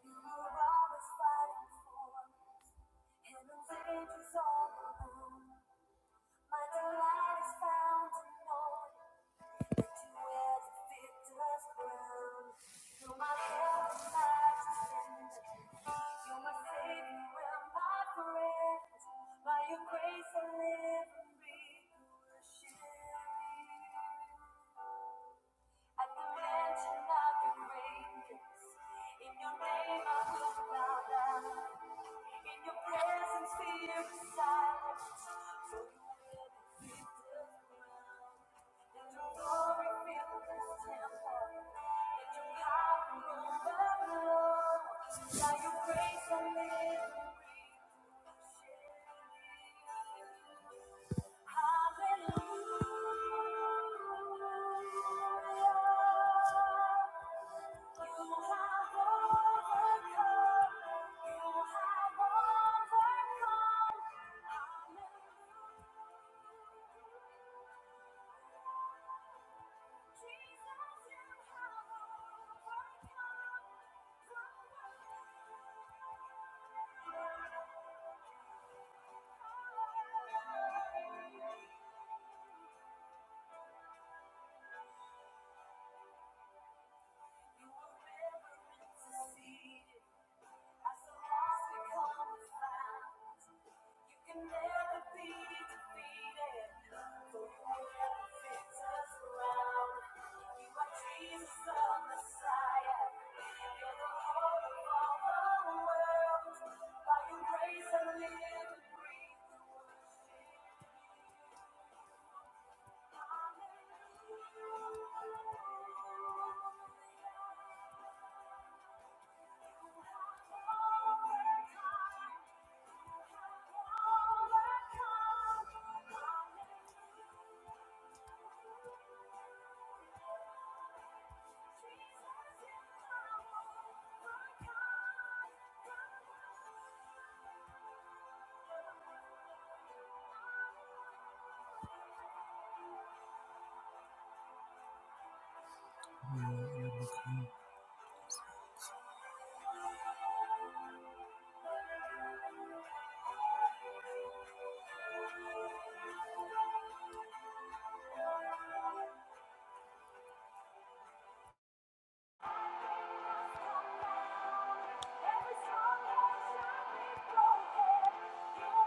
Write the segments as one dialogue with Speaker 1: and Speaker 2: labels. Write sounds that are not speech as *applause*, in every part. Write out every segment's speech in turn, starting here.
Speaker 1: You are always fighting for us, and the victory's all around. My delight is found in knowing that you wear the victor's crown. You're my help and my defender. You're my savior and my friend. By your grace I live and breathe. Worship you. At the mention of your greatness, in your name I will bow down. In your presence fear is silent, for you will defeat the ground. And your glory fill this temple, let your power overflow. Now your grace will make me Hallelujah. You have You were never meant to see it. As the lost become the found, you can never be defeated. For you will never fit us around. You are Jesus, the Messiah. You're the hope of all the world. By your grace I live and breathe to worship. Hallelujah. Jesus, you are my God. Cross the way was finished. You were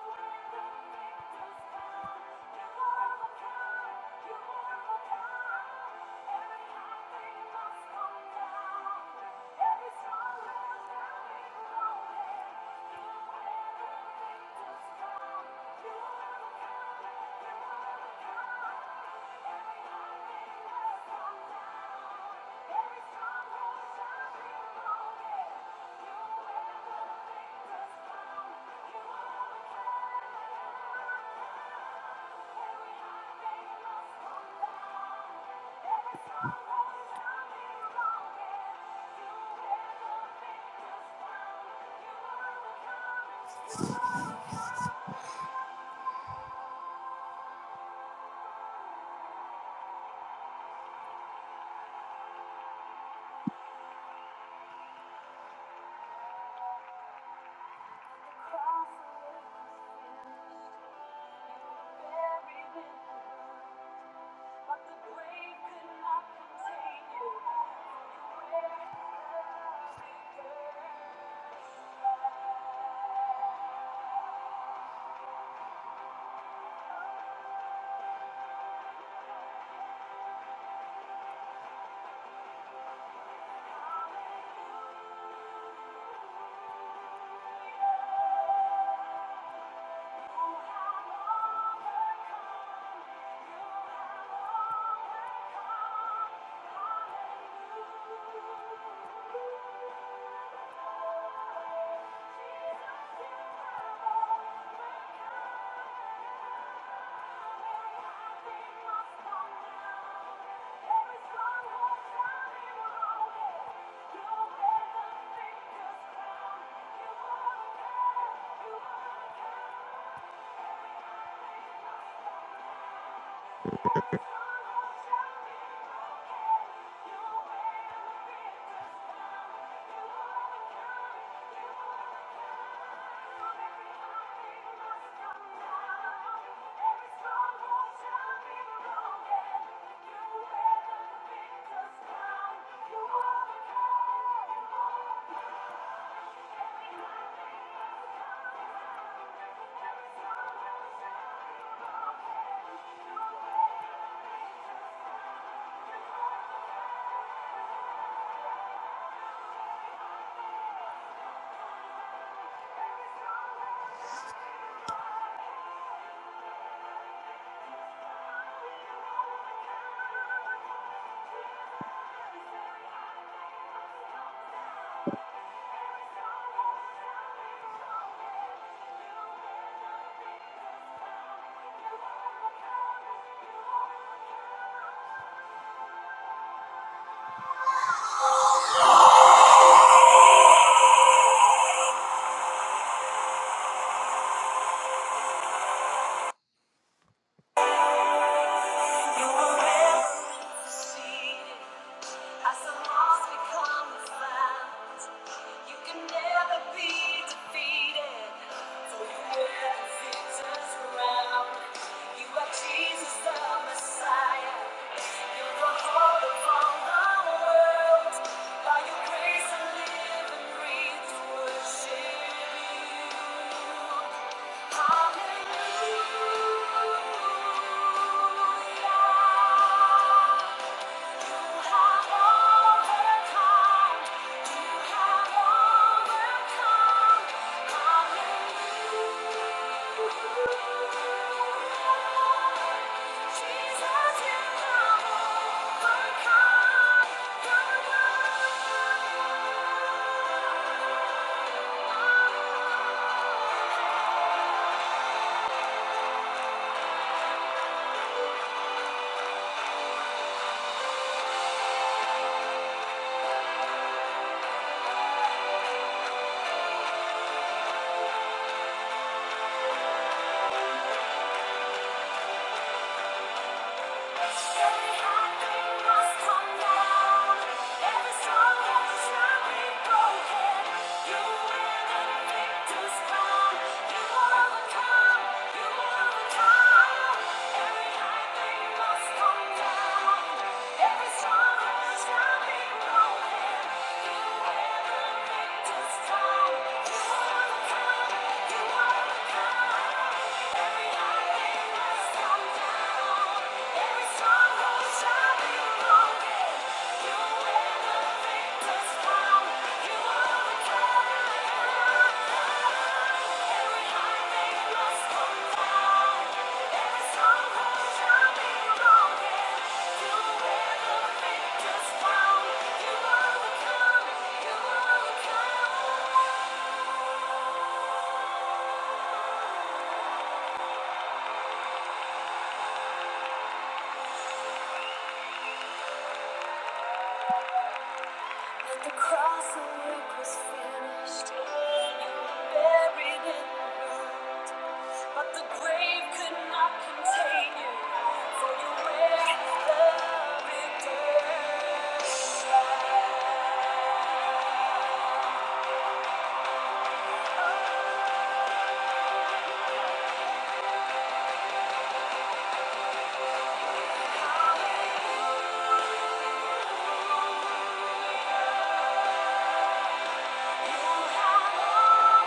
Speaker 1: buried in the But the grave could not contain you. Your great love began. Oh, how long, Jesus, you have been my strong tower. Every stronghold shall be broken. You wear the victor's crown. You overcame. Every stronghold shall be broken. You wear the victor's crown. You overcome. You will never be As the lost become the found, you can never be defeated. For you wear the victor's You are Jesus the Messiah. You're the hope of the world. By your grace I live and breathe to worship you. Hallelujah. Jesus, you have overcome the world. You are the victor's crown. You overcome. You overcome. You overcome. you overcome. At the cross, the work was finished. You were buried in the ground, but the grave could not contain you, for you were the victor. You have overcome. You have overcome.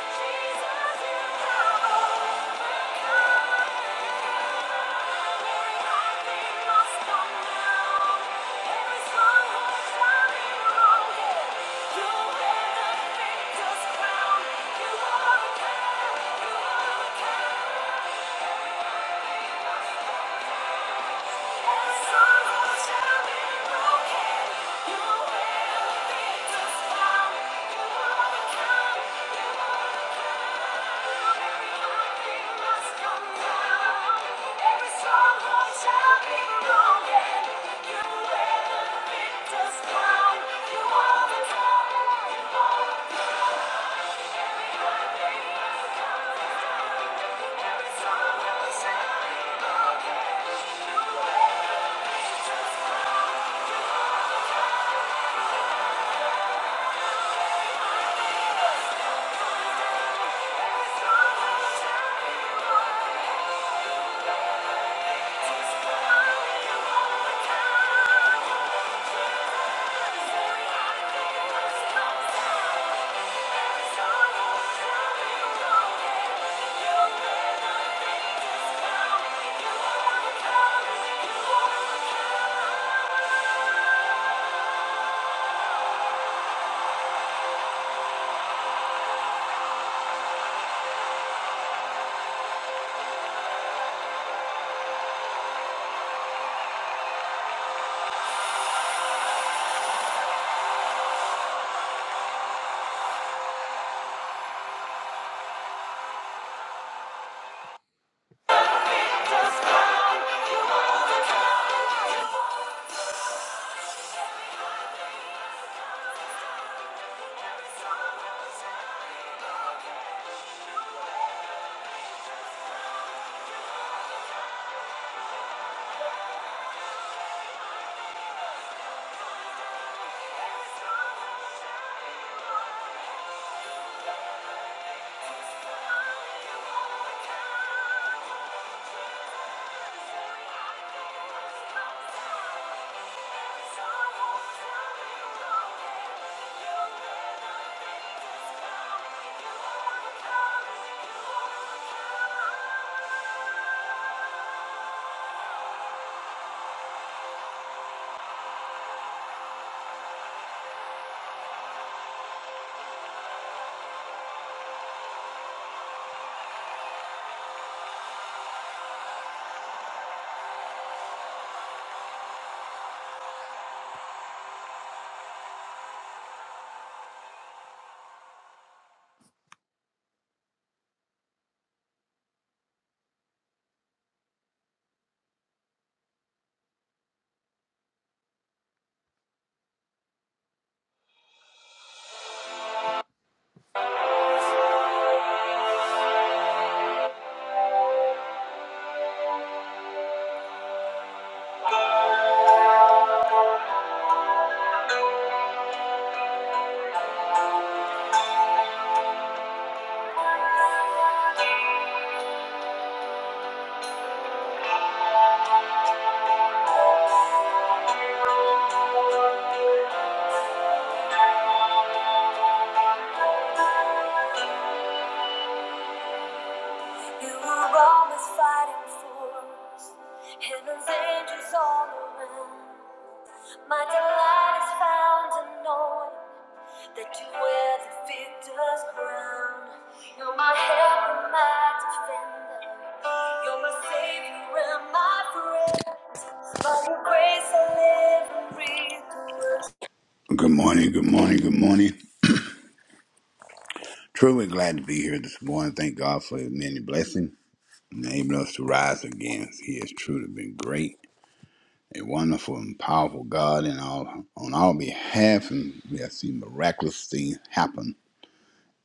Speaker 1: Hallelujah, Jesus, you have overcome. You will be just found. You will become. Thank you. Just come, you overcome. You were always fighting for us, and there's angels all around. My delight is found in knowing that you wear the victor's crown. You're my hero, my defender. You're my savior and my friend. By your grace I live and breathe. the word.
Speaker 2: Good morning, good morning, good morning. Truly glad to be here this morning. Thank God for his many blessings, enabling us to rise again. He has truly been great, a wonderful and powerful God in all on our behalf, and we have seen miraculous things happen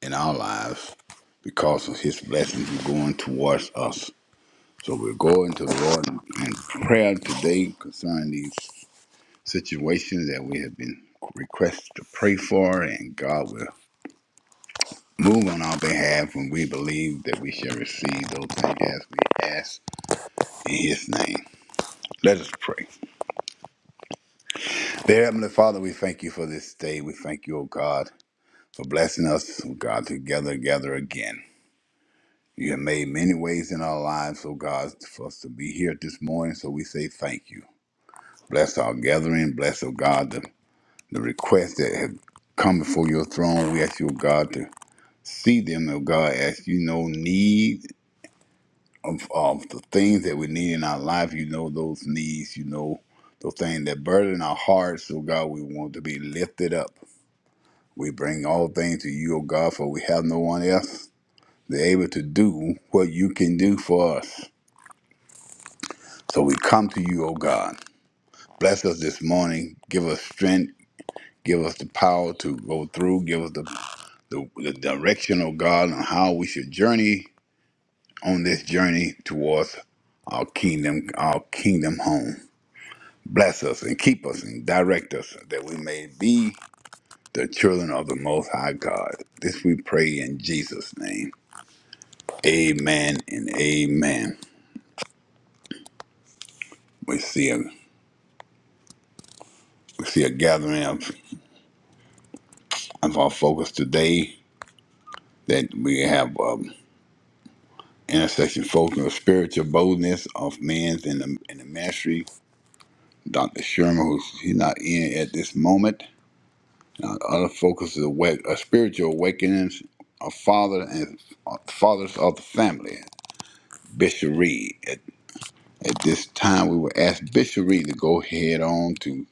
Speaker 2: in our lives because of his blessings going towards us. So we're going to the Lord in prayer today concerning these situations that we have been requested to pray for, and God will Move on our behalf when we believe that we shall receive those things as we ask in His name. Let us pray. Dear Heavenly Father, we thank you for this day. We thank you, O God, for blessing us, O God, to gather gather again. You have made many ways in our lives, O God, for us to be here this morning, so we say thank you. Bless our gathering. Bless, O God, the, the requests that have come before your throne. We ask you, O God, to see them, O God, as you know need. of, of the things that we need in our life. You know those needs. You know those things that burden our hearts. So God, we want to be lifted up. We bring all things to you, O God, for we have no one else that's able to do what you can do for us. So we come to you, O God. Bless us this morning. Give us strength. Give us the power to go through. Give us the, the, the direction, O God, on how we should journey on this journey towards our kingdom, our kingdom home. Bless us and keep us and direct us that we may be the children of the Most High God. This we pray in Jesus' name. Amen and amen. We see a we see a gathering of, of our focus today that we have um, intersection focus on spiritual boldness of men's in the, in the ministry. Dr. Sherman, who's he's not in at this moment. Uh, other focus is awake, a spiritual awakenings of father and uh, fathers of the family. Bishop Reed. At, at this time, we will ask Bishop Reed to go ahead on to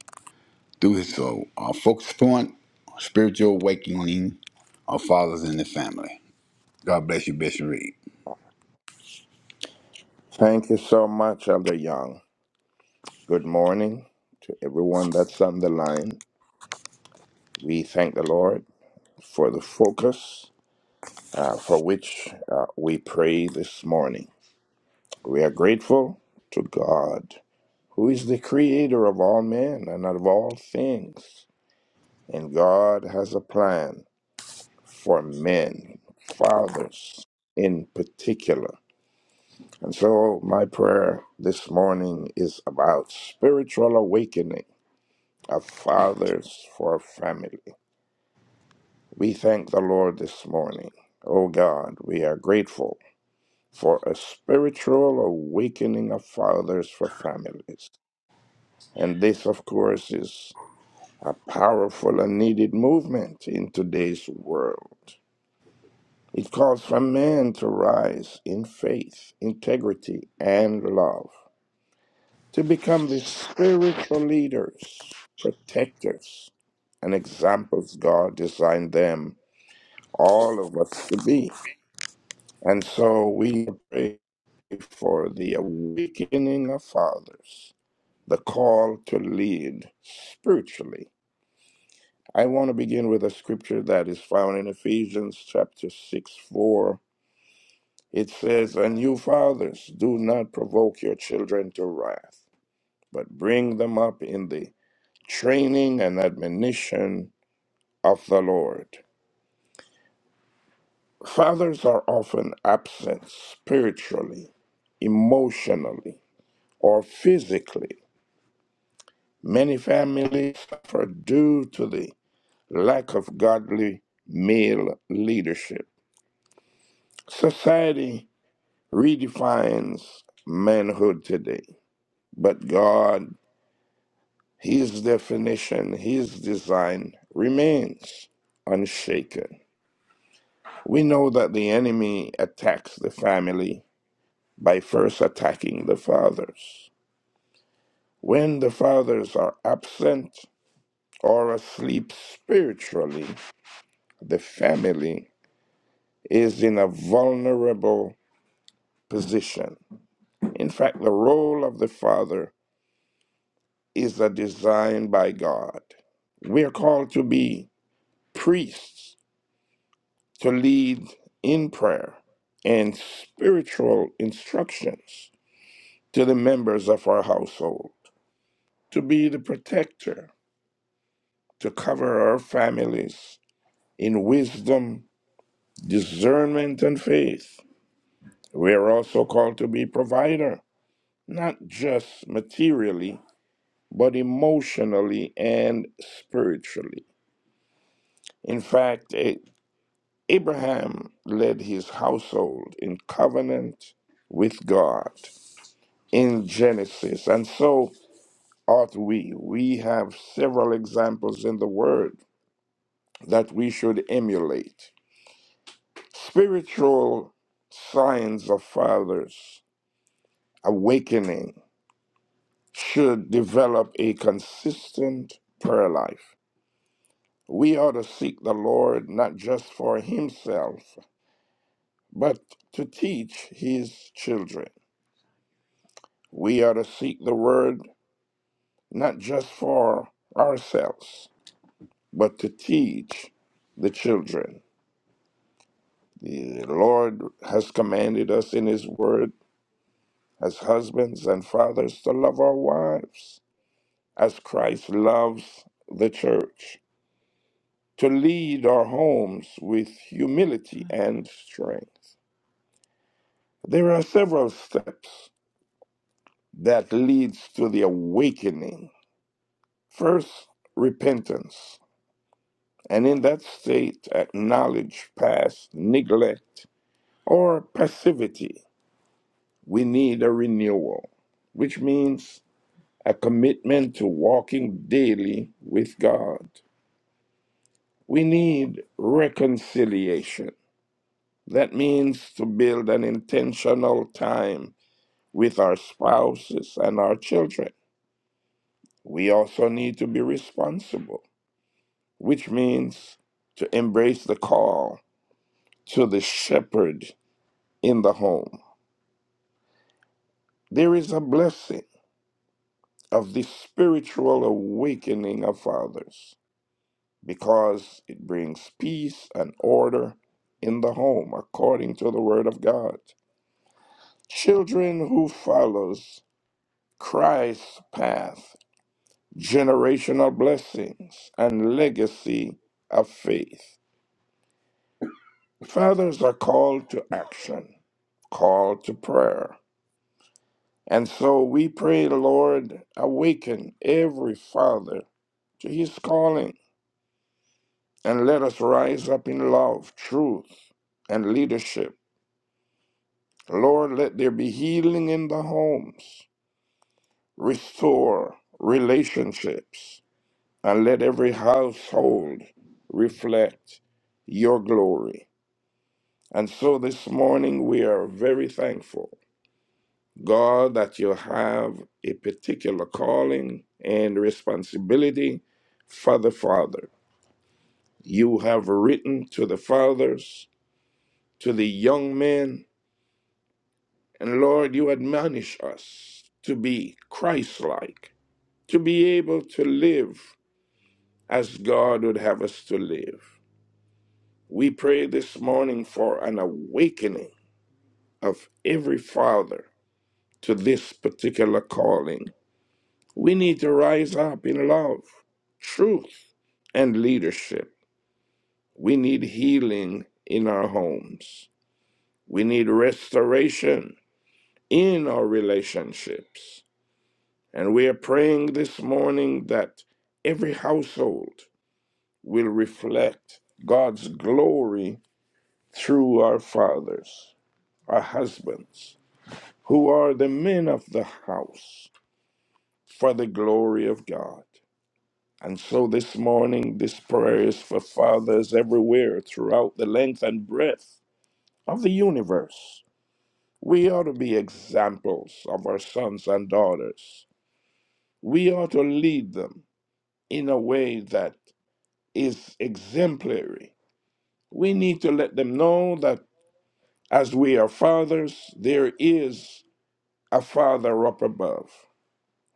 Speaker 2: do his so, uh, focus point, spiritual awakening of fathers in the family. God bless you, Bishop Reed.
Speaker 3: Thank you so much, Elder Young. Good morning to everyone that's on the line. We thank the Lord for the focus uh, for which uh, we pray this morning. We are grateful to God, who is the creator of all men and of all things. And God has a plan for men, fathers in particular. And so, my prayer this morning is about spiritual awakening of fathers for family. We thank the Lord this morning. Oh God, we are grateful for a spiritual awakening of fathers for families. And this, of course, is a powerful and needed movement in today's world. It calls for men to rise in faith, integrity, and love, to become the spiritual leaders, protectors, and examples God designed them all of us to be. And so we pray for the awakening of fathers, the call to lead spiritually. I want to begin with a scripture that is found in Ephesians chapter 6 4. It says, And you fathers, do not provoke your children to wrath, but bring them up in the training and admonition of the Lord. Fathers are often absent spiritually, emotionally, or physically. Many families suffer due to the lack of godly male leadership. Society redefines manhood today, but God, His definition, His design remains unshaken. We know that the enemy attacks the family by first attacking the fathers. When the fathers are absent or asleep spiritually, the family is in a vulnerable position. In fact, the role of the father is a design by God. We are called to be priests, to lead in prayer and spiritual instructions to the members of our household, to be the protector, to cover our families in wisdom discernment and faith. We are also called to be provider, not just materially, but emotionally and spiritually. In fact, A- Abraham led his household in covenant with God in Genesis, and so ought we. We have several examples in the Word that we should emulate. Spiritual signs of fathers awakening should develop a consistent prayer life. We ought to seek the Lord not just for himself, but to teach his children. We ought to seek the word not just for ourselves, but to teach the children. The Lord has commanded us in his word as husbands and fathers to love our wives as Christ loves the church. to lead our homes with humility and strength. There are several steps that leads to the awakening. First, repentance, and in that state acknowledge past neglect or passivity. We need a renewal, which means a commitment to walking daily with God. We need reconciliation. That means to build an intentional time with our spouses and our children. We also need to be responsible, which means to embrace the call to the shepherd in the home. There is a blessing of the spiritual awakening of fathers because it brings peace and order in the home according to the word of God. Children who follows Christ's path generational blessings, and legacy of faith. Fathers are called to action, called to prayer. And so we pray, Lord, awaken every father to his calling and let us rise up in love, truth, and leadership. Lord, let there be healing in the homes, restore relationships, and let every household reflect your glory. And so this morning we are very thankful, God, that you have a particular calling and responsibility for the Father. You have written to the fathers, to the young men, and Lord, you admonish us to be Christ like, to be able to live as God would have us to live. We pray this morning for an awakening of every father to this particular calling We need to rise up in love, truth, and leadership. We need healing in our homes. We need restoration in our relationships. And we are praying this morning that every household will reflect God's glory through our fathers, our husbands, who are the men of the house for the glory of God. And so this morning, this prayer is for fathers everywhere throughout the length and breadth of the universe. We ought to be examples of our sons and daughters. We ought to lead them in a way that is exemplary. We need to let them know that as we are fathers, there is a Father up above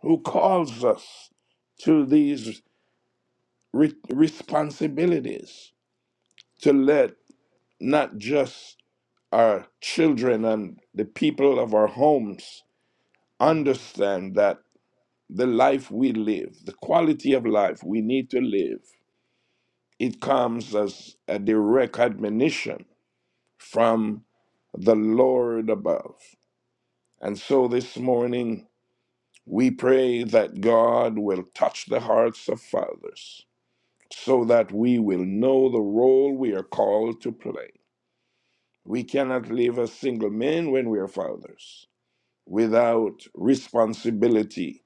Speaker 3: who calls us to these re- responsibilities to let not just our children and the people of our homes understand that the life we live, the quality of life we need to live, it comes as a direct admonition from the Lord above. And so this morning, we pray that God will touch the hearts of fathers so that we will know the role we are called to play. We cannot live as single men when we are fathers. without responsibility,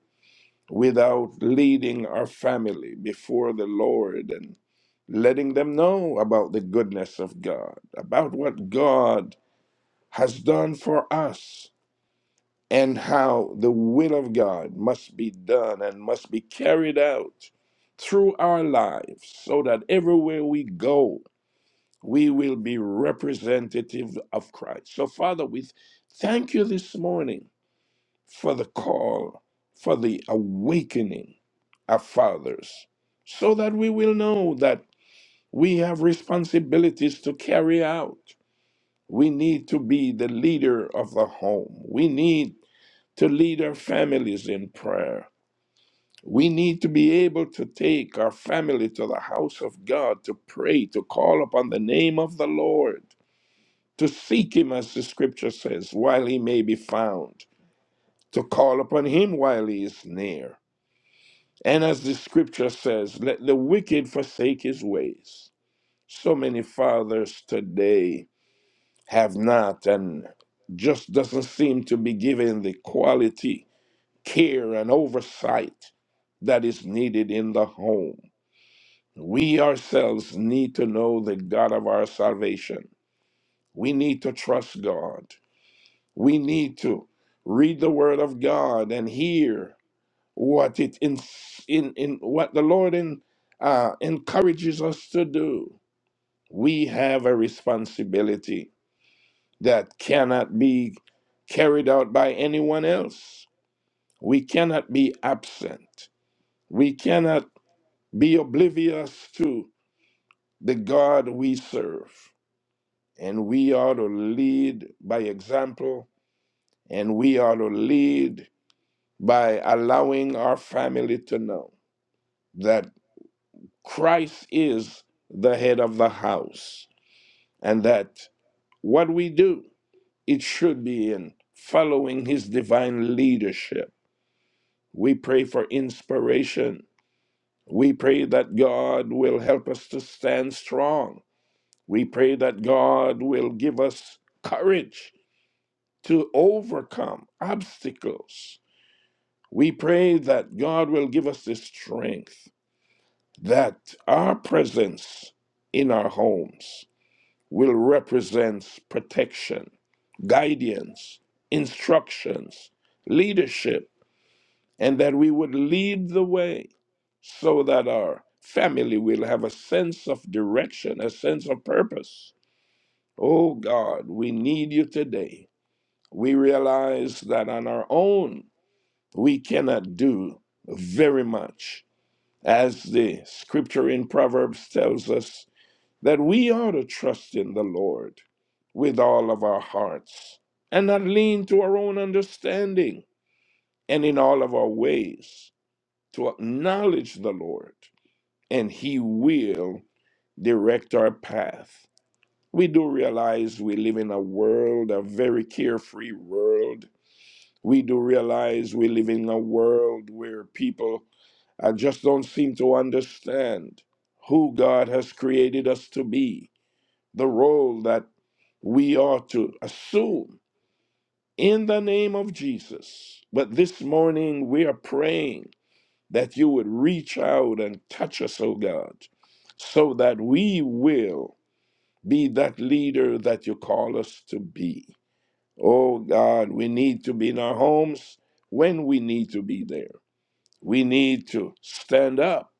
Speaker 3: without leading our family before the Lord and letting them know about the goodness of God, about what God has done for us, and how the will of God must be done and must be carried out through our lives so that everywhere we go, we will be representative of Christ. So, Father, we thank you this morning for the call, for the awakening of fathers, so that we will know that we have responsibilities to carry out. We need to be the leader of the home. We need to lead our families in prayer. We need to be able to take our family to the house of God to pray, to call upon the name of the Lord, to seek Him, as the scripture says, while He may be found, to call upon Him while He is near And as the scripture says, let the wicked forsake his ways. So many fathers today have not and just doesn't seem to be given the quality, care, and oversight that is needed in the home. We ourselves need to know the God of our salvation. We need to trust God. We need to read the Word of God and hear what it in in, in what the Lord in, uh, encourages us to do. We have a responsibility that cannot be carried out by anyone else. We cannot be absent. We cannot be oblivious to the God we serve. And we ought to lead by example, and we ought to lead by allowing our family to know that. Christ is the head of the house, and that what we do, it should be in following his divine leadership. We pray for inspiration. We pray that God will help us to stand strong. We pray that God will give us courage to overcome obstacles. We pray that God will give us the strength that our presence in our homes will represent protection, guidance, instructions, leadership, and that we would lead the way so that our family will have a sense of direction, a sense of purpose. Oh God, we need you today. We realize that on our own, we cannot do very much. As the scripture in Proverbs tells us, that we ought to trust in the Lord with all of our hearts and not lean to our own understanding and in all of our ways to acknowledge the Lord and He will direct our path. We do realize we live in a world, a very carefree world. We do realize we live in a world where people I just don't seem to understand who God has created us to be the role that we are to assume in the name of Jesus. But this morning we are praying that you would reach out and touch us, oh God, so that we will be that leader that you call us to be. Oh God, we need to be in our homes when we need to be there. We need to stand up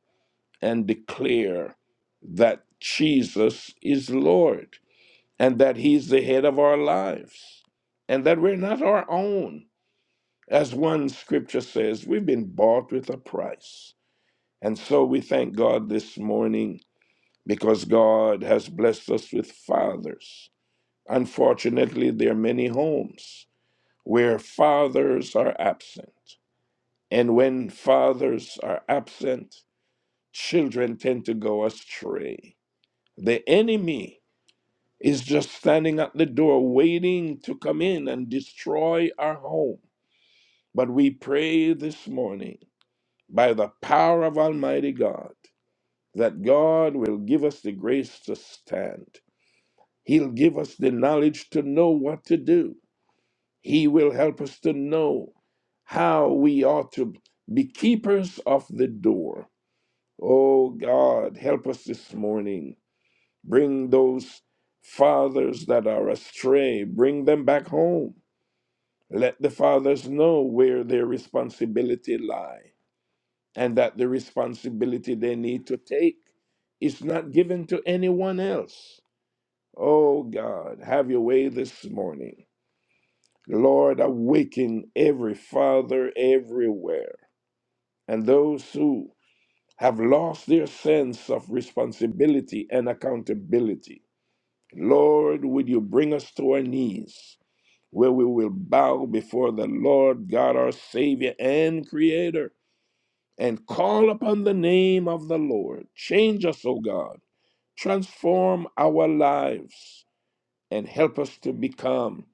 Speaker 3: and declare that Jesus is Lord. and that He's the head of our lives, and that we're not our own. As one scripture says, we've been bought with a price. And so we thank God this morning because God has blessed us with fathers. Unfortunately, there are many homes where fathers are absent. And when fathers are absent, children tend to go astray. The enemy is just standing at the door waiting to come in and destroy our home. But we pray this morning by the power of Almighty God that God will give us the grace to stand. He'll give us the knowledge to know what to do. He will help us to know how we ought to be keepers of the door. Oh God, help us this morning. Bring those fathers that are astray, bring them back home Let the fathers know where their responsibility lie and that the responsibility they need to take is not given to anyone else. Oh God, have your way this morning. Lord, awaken every father everywhere and those who have lost their sense of responsibility and accountability. Lord, would you bring us to our knees? where we will bow before the Lord God, our Savior and Creator, and call upon the name of the Lord. Change us, O God. Transform our lives and help us to become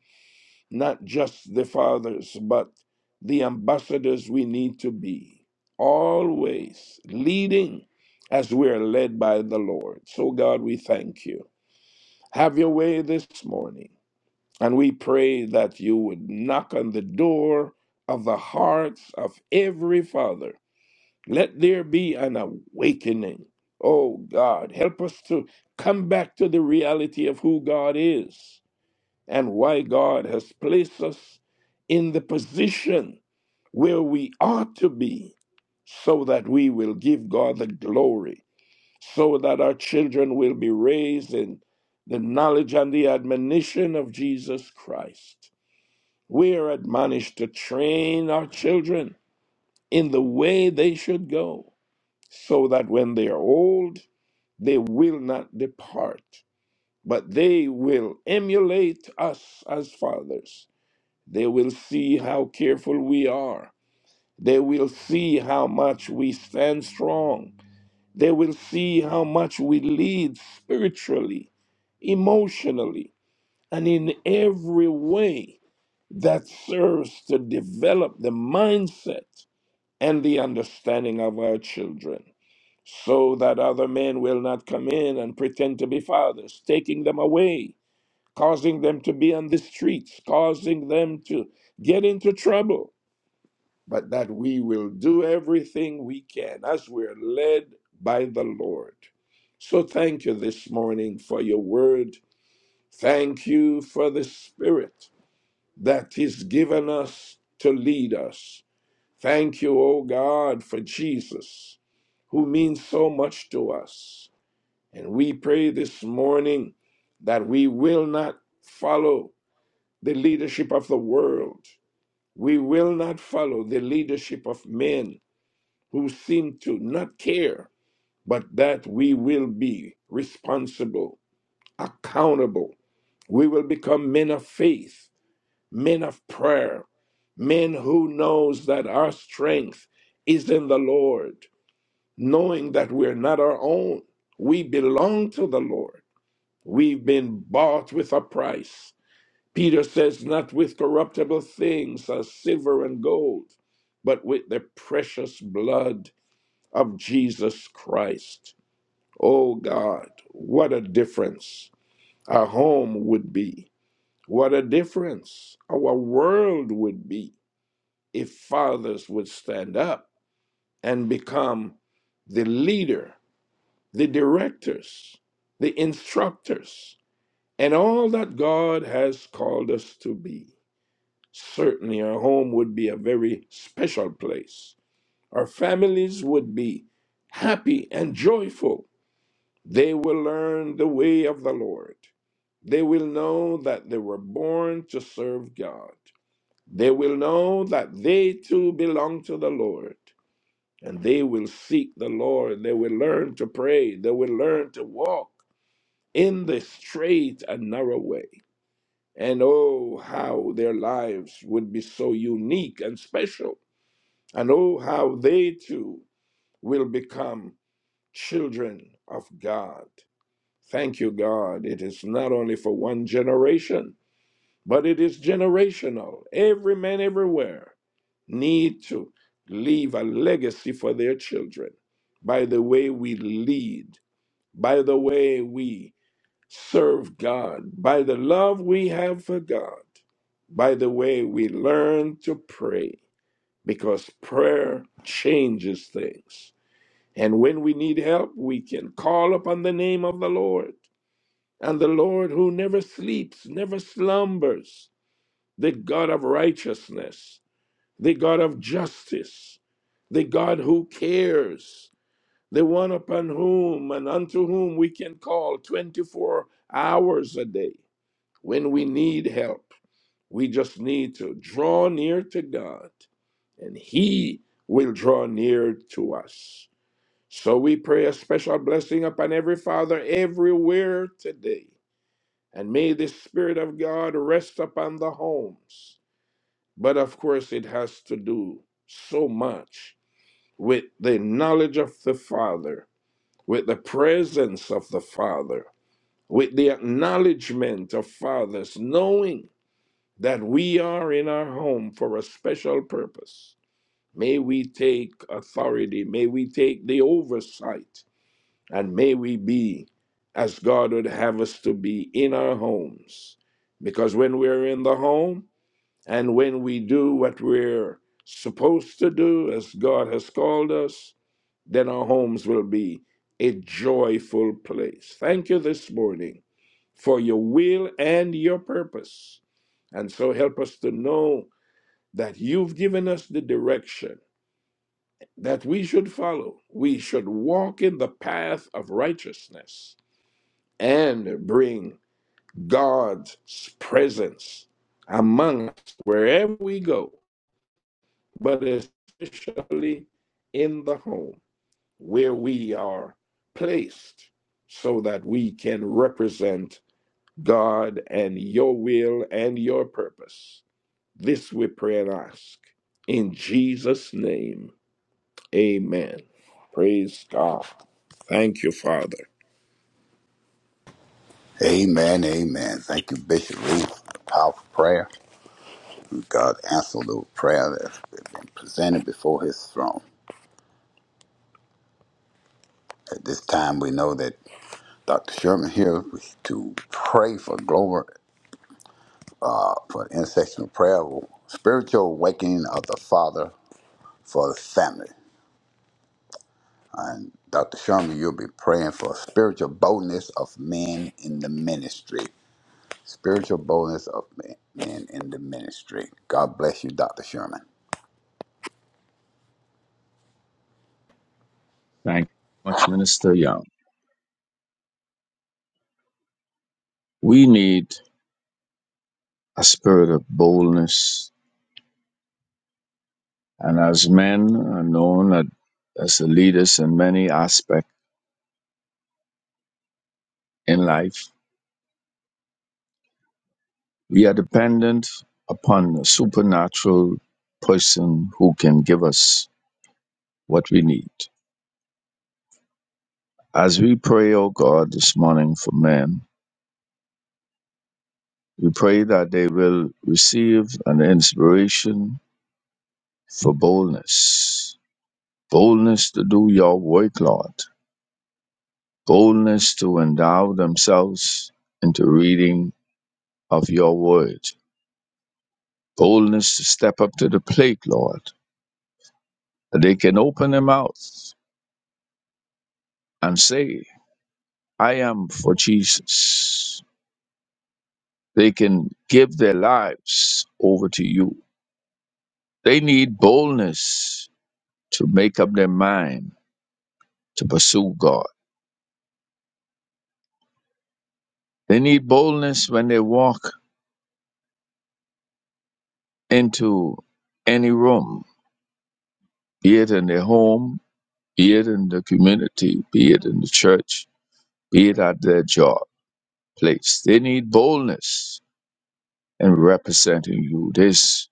Speaker 3: not just the fathers, but the ambassadors we need to be, always leading as we are led by the Lord. So, God, we thank you. Have your way this morning. And we pray that you would knock on the door of the hearts of every father. Let there be an awakening. Oh God, help us to come back to the reality of who God is and why God has placed us in the position where we ought to be so that we will give God the glory, so that our children will be raised in the knowledge and the admonition of Jesus Christ. We are admonished to train our children in the way they should go, so that when they are old, they will not depart, but they will emulate us as fathers. They will see how careful we are. They will see how much we stand strong. They will see how much we lead spiritually, emotionally, and in every way that serves to develop the mindset and the understanding of our children so that other men will not come in and pretend to be fathers, taking them away, causing them to be on the streets, causing them to get into trouble, but that we will do everything we can as we're led by the Lord. So thank you this morning for your word. Thank you for the Spirit that He's given us to lead us. Thank you, O God, for Jesus, who means so much to us. And we pray this morning that we will not follow the leadership of the world. We will not follow the leadership of men who seem to not care, but that we will be responsible, accountable. We will become men of faith men of prayer, men who knows that our strength is in the Lord, knowing that we're not our own. We belong to the Lord. We've been bought with a price. Peter says, not with corruptible things as silver and gold, but with the precious blood of Jesus Christ. Oh God, what a difference our home would be. What a difference our world would be if fathers would stand up and become the leader, the directors, the instructors, and all that God has called us to be. Certainly, our home would be a very special place. Our families would be happy and joyful. They will learn the way of the Lord. They will know that they were born to serve God. They will know that they too belong to the Lord and they will seek the Lord. They will learn to pray. They will learn to walk in the straight and narrow way. And oh, how their lives would be so unique and special. And oh, how they too will become children of God. Thank you, God. It is not only for one generation, but it is generational. Every man everywhere need to leave a legacy for their children by the way we lead, by the way we serve God, by the love we have for God, by the way we learn to pray, because prayer changes things. And when we need help, we can call upon the name of the Lord. And the Lord who never sleeps, never slumbers, the God of righteousness, the God of justice, the God who cares, the one upon whom and unto whom we can call 24 hours a day when we need help. We just need to draw near to God, and He will draw near to us. So we pray a special blessing upon every father everywhere today. And may the Spirit of God rest upon the homes but of course, it has to do so much with the knowledge of the Father, with the presence of the Father, with the acknowledgement of fathers, knowing that we are in our home for a special purpose. May we take authority, may we take the oversight, and may we be as God would have us to be in our homes. Because when we're in the home, and when we do what we're supposed to do as God has called us, then our homes will be a joyful place. Thank you this morning for your will and your purpose. And so help us to know that you've given us the direction that we should follow. We should walk in the path of righteousness and bring God's presence among us wherever we go. but especially in the home where we are placed so that we can represent God and your will and your purpose. This we pray and ask. In Jesus' name, amen. Praise God. Thank you, Father.
Speaker 2: Amen, amen. Thank you, Bishop Reed, for the powerful prayer. God answered the prayer that's been presented before his throne. At this time, we know that Dr. Sherman here is to pray for global, for intercessional prayer, spiritual awakening of the Father for the family. And Dr. Sherman, you'll be praying for spiritual boldness of men in the ministry. Spiritual boldness of men men in the ministry. God bless you, Dr. Sherman.
Speaker 4: Thank you much, Minister Young. We need a spirit of boldness, and as men are known at- as the leaders in many aspects in life, we are dependent upon a supernatural person who can give us what we need. As we pray, O God, this morning for men, we pray that they will receive an inspiration for boldness, boldness to do your work, Lord boldness to endow themselves into reading of your word, boldness to step up to the plate, Lord, that they can open their mouths and say, I am for Jesus. They can give their lives over to you. They need boldness to make up their mind to pursue God. They need boldness when they walk into any room, be it in their home, be it in the community, be it in the church be it at their job, place. They need boldness in representing you. This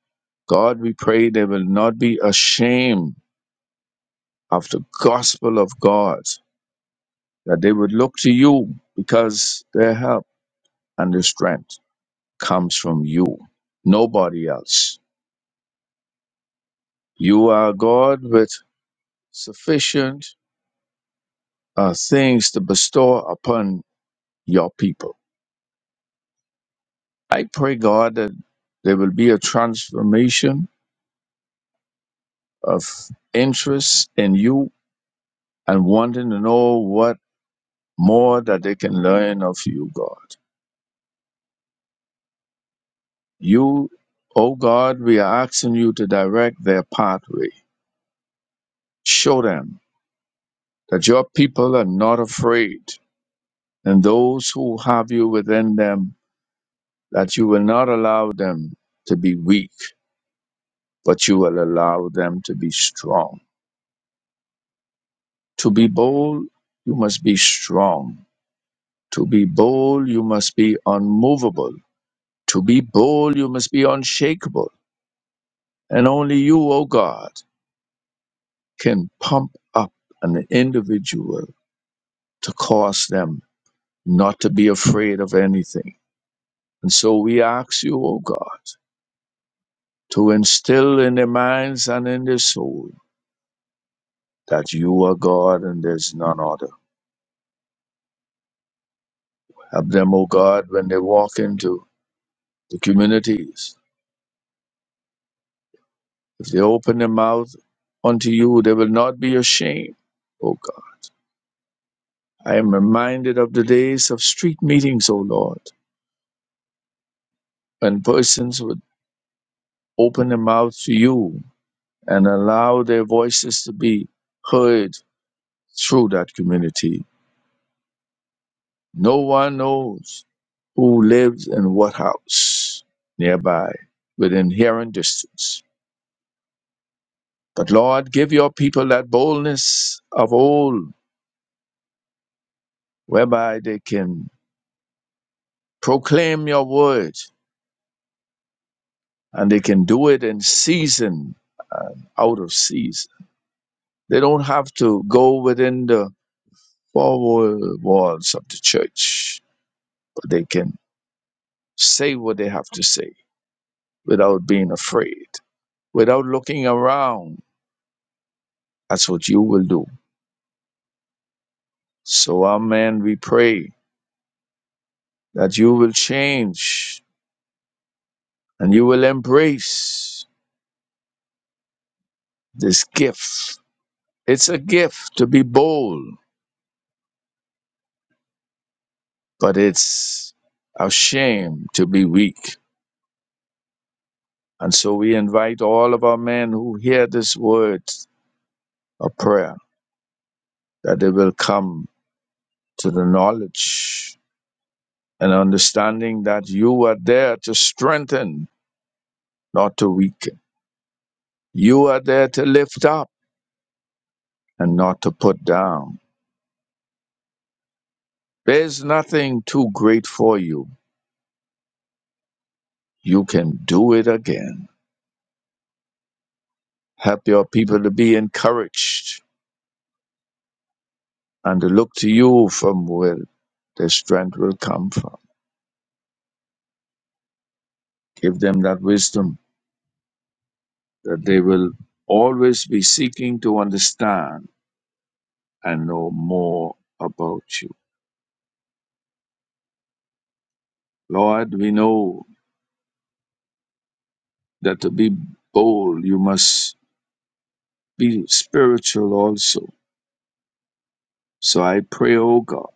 Speaker 4: God, we pray they will not be ashamed of the gospel of God, that they would look to you because their help and their strength comes from you, nobody else. You are God with sufficient uh, things to bestow upon your people. I pray, God, that there will be a transformation of interest in you and wanting to know what more that they can learn of you, God. You, oh God, we are asking you to direct their pathway. Show them that your people are not afraid, and those who have you within them, that you will not allow them to be weak, but you will allow them to be strong. To be bold, you must be strong. To be bold, you must be unmovable To be bold, you must be unshakable, and only you, O God, can pump up an individual to cause them not to be afraid of anything. And so we ask you, O God, to instill in their minds and in their soul that you are God and there's none other. Help them, O God, when they walk into the communities. If they open their mouth unto you, they will not be ashamed. O I am reminded of the days of street meetings, O Lord, when persons would open their mouths to you and allow their voices to be heard through that community. No one knows who lives in what house nearby within hearing distance. But Lord, give your people that boldness of old whereby they can proclaim your word and they can do it in season and out of season. They don't have to go within the four walls of the church, but they can say what they have to say without being afraid, without looking around. That's what you will do. So, Amen, we pray that you will change and you will embrace this gift. It's a gift to be bold, but it's a shame to be weak. And so we invite all of our men who hear this word of prayer that they will come to the knowledge and understanding that you are there to strengthen, not to weaken. You are there to lift up and not to put down. There's nothing too great for you. You can do it again. Help your people to be encouraged and to look to you from where their strength will come from. Give them that wisdom that they will always be seeking to understand and know more about you. Lord, we know that to be bold, you must be spiritual also. So I pray, O God,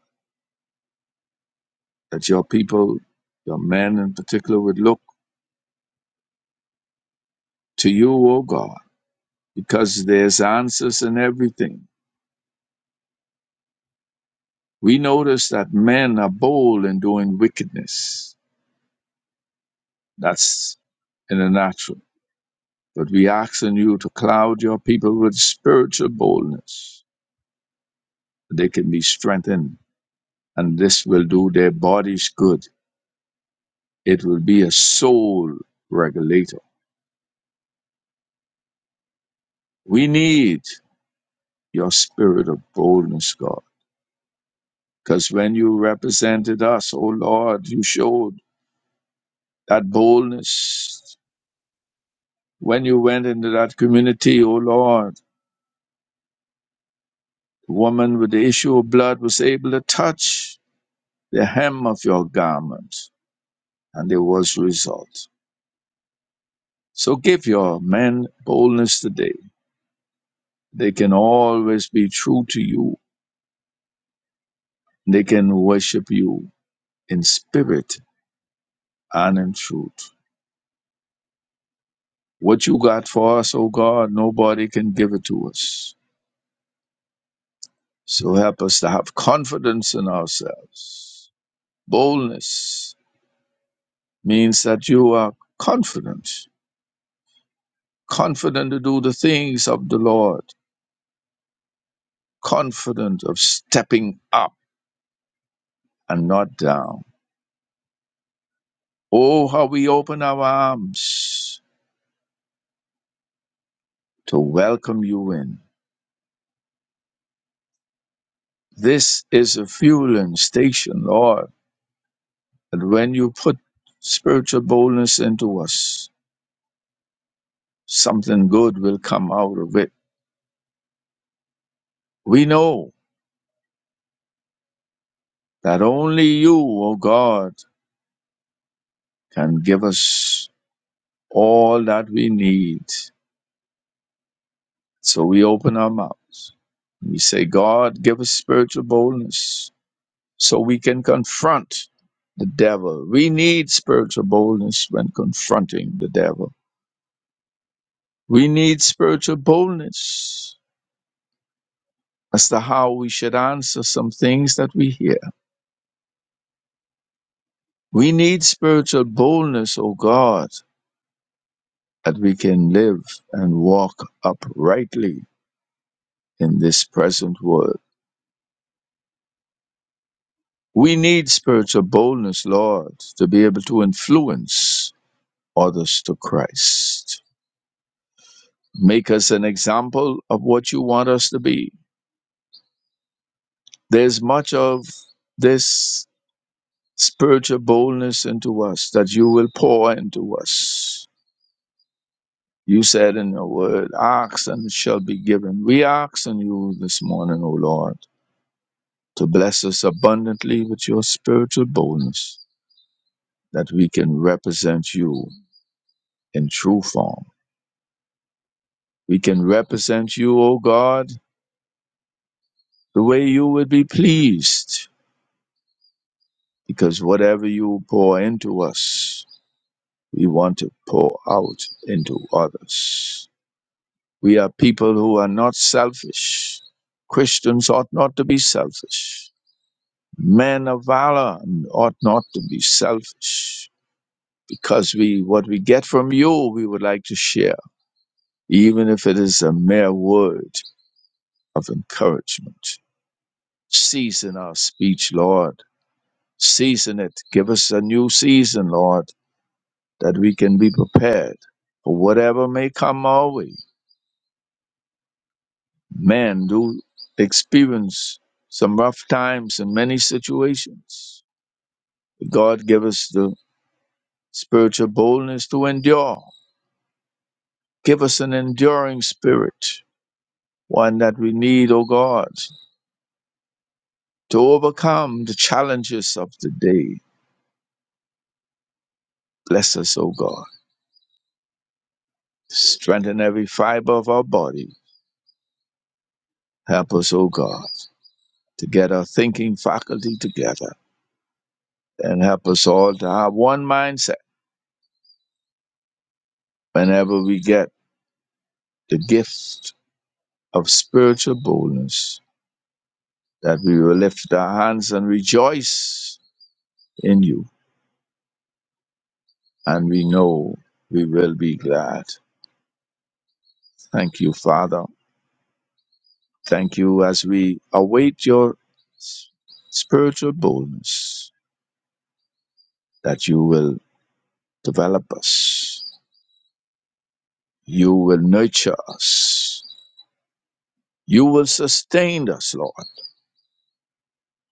Speaker 4: that your people, your men in particular, would look to you, O God, because there's answers in everything. We notice that men are bold in doing wickedness. That's in the natural. But we ask in you to cloud your people with spiritual boldness. that They can be strengthened, and this will do their bodies good It will be a soul regulator. We need your spirit of boldness, God. Because when you represented us, oh Lord, you showed that boldness. When you went into that community, oh Lord, the woman with the issue of blood was able to touch the hem of your garment, and there was result. So give your men boldness today. They can always be true to you. They can worship you in spirit and in truth. What you got for us, O God, nobody can give it to us. So help us to have confidence in ourselves. Boldness means that you are confident, confident to do the things of the Lord, confident of stepping up and not down. Oh, how we open our arms to welcome you in. This is a fueling station, Lord, and when you put spiritual boldness into us, something good will come out of it. We know that only you, O God, can give us all that we need. So we open our mouths. We say, God, give us spiritual boldness so we can confront the devil. We need spiritual boldness when confronting the devil. We need spiritual boldness as to how we should answer some things that we hear. We need spiritual boldness, O God, that we can live and walk uprightly in this present world. We need spiritual boldness, Lord, to be able to influence others to Christ. Make us an example of what you want us to be. There's much of this spiritual boldness into us that you will pour into us. You said in your word, Ask and it shall be given. We ask on you this morning, O Lord to bless us abundantly with your spiritual boldness that we can represent you in true form. We can represent you, O God, the way you would be pleased, because whatever you pour into us, we want to pour out into others. We are people who are not selfish. Christians ought not to be selfish. Men of valor ought not to be selfish because we what we get from you we would like to share even if it is a mere word of encouragement. Season our speech, Lord. Season it. Give us a new season, Lord, that we can be prepared for whatever may come our way. Men do experience some rough times in many situations. God, give us the spiritual boldness to endure. Give us an enduring spirit, one that we need, O God, to overcome the challenges of the day Bless us, O God. Strengthen every fiber of our body. Help us, O God, to get our thinking faculty together and help us all to have one mindset whenever we get the gift of spiritual boldness, that we will lift our hands and rejoice in you. And we know we will be glad. Thank you, Father. Thank you as we await your s- spiritual boldness that you will develop us You will nurture us. You will sustain us, Lord.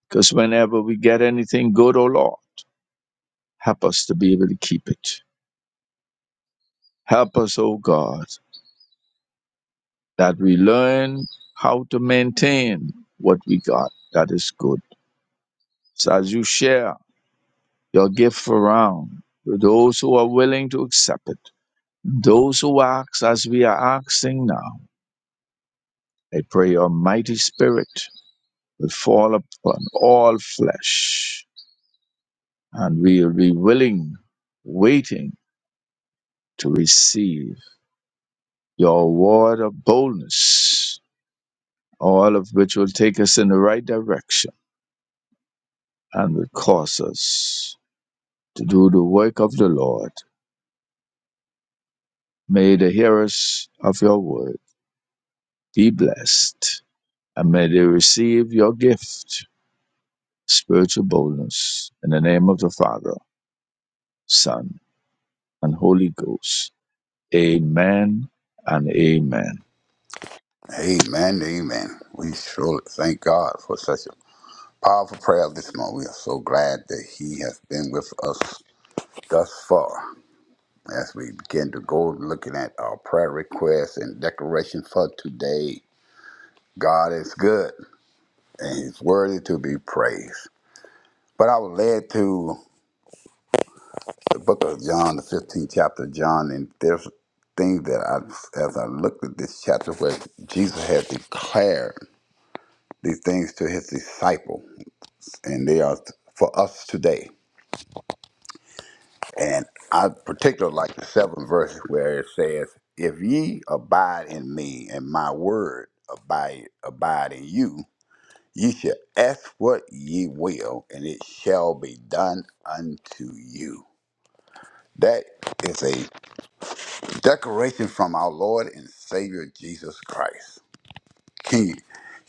Speaker 4: Because whenever we get anything good, O Lord, help us to be able to keep it. Help us, O God, that we learn how to maintain what we got that is good. So as you share your gift around to those who are willing to accept it, those who ask as we are asking now, I pray your mighty spirit will fall upon all flesh and we will be willing, waiting to receive your word of boldness, all of which will take us in the right direction and will cause us to do the work of the Lord. May the hearers of your word be blessed, and may they receive your gift, spiritual boldness, in the name of the Father, Son, and Holy Ghost. Amen and amen.
Speaker 2: Amen, amen. We surely thank God for such a powerful prayer this morning. We are so glad that He has been with us thus far. As we begin to go looking at our prayer requests and declaration for today, God is good and He's worthy to be praised. But I was led to the book of John, the 15th chapter of John, and there's things that I, as I looked at this chapter, where Jesus had declared these things to his disciples, and they are for us today. And I particularly like the seventh verse where it says, If ye abide in me and my word abide, abide in you, ye shall ask what ye will, and it shall be done unto you. That is a Declaration from our Lord and Savior Jesus Christ. Can you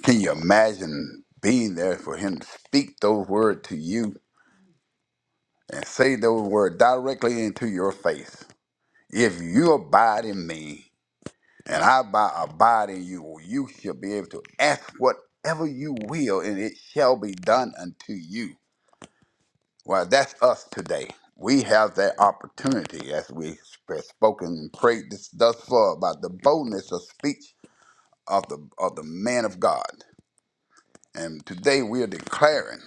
Speaker 2: can you imagine being there for him to speak those words to you and say those words directly into your face? If you abide in me and I abide, abide in you, you shall be able to ask whatever you will, and it shall be done unto you. Well, that's us today. We have that opportunity as we have spoken and prayed this thus far about the boldness of speech of the of the man of God. And today we are declaring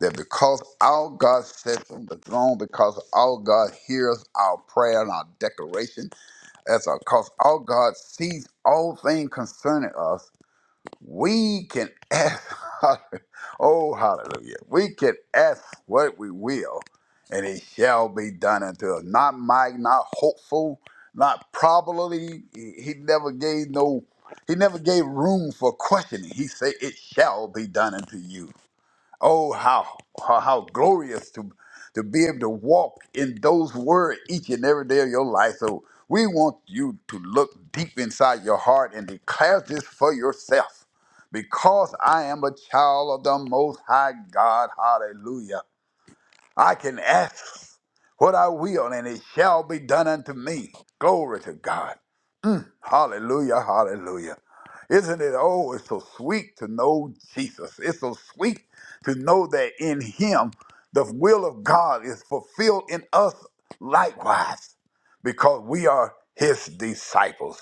Speaker 2: that because our God sits on the throne, because our God hears our prayer and our declaration, as our, because our God sees all things concerning us, we can ask, *laughs* oh, hallelujah, we can ask what we will, and it shall be done unto us. Not might, not hopeful, not probably. He, he never gave no, he never gave room for questioning. He said, it shall be done unto you. Oh, how, how how glorious to to be able to walk in those words each and every day of your life. So we want you to look deep inside your heart and declare this for yourself. Because I am a child of the Most High God, hallelujah. I can ask what I will, and it shall be done unto me. Glory to God. Hallelujah, hallelujah. Isn't it? Oh, it's so sweet to know Jesus. It's so sweet to know that in Him the will of God is fulfilled in us likewise because we are His disciples.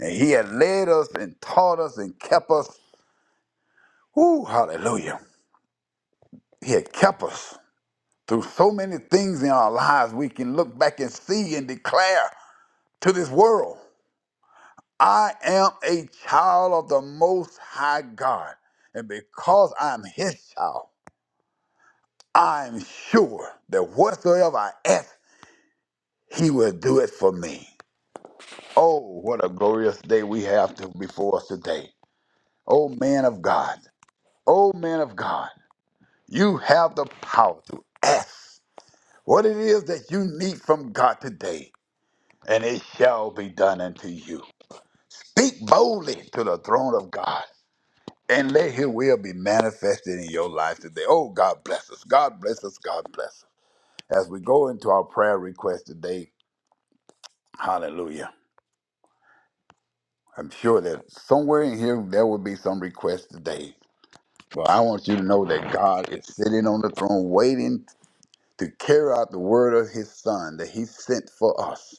Speaker 2: And He had led us and taught us and kept us. Whoo, hallelujah. He had kept us through so many things in our lives we can look back and see and declare to this world. I am a child of the Most High God, and because I'm His child, I'm sure that whatsoever I ask, He will do it for me. Oh, what a glorious day we have to before us today. Oh, man of God, oh, man of God, you have the power to ask what it is that you need from God today, and it shall be done unto you. Speak boldly to the throne of God. and let His will be manifested in your life today. Oh, God bless us. God bless us. God bless us. As we go into our prayer request today, hallelujah. I'm sure that somewhere in here there will be some request today. But I want you to know that God is sitting on the throne waiting to carry out the word of His Son that He sent for us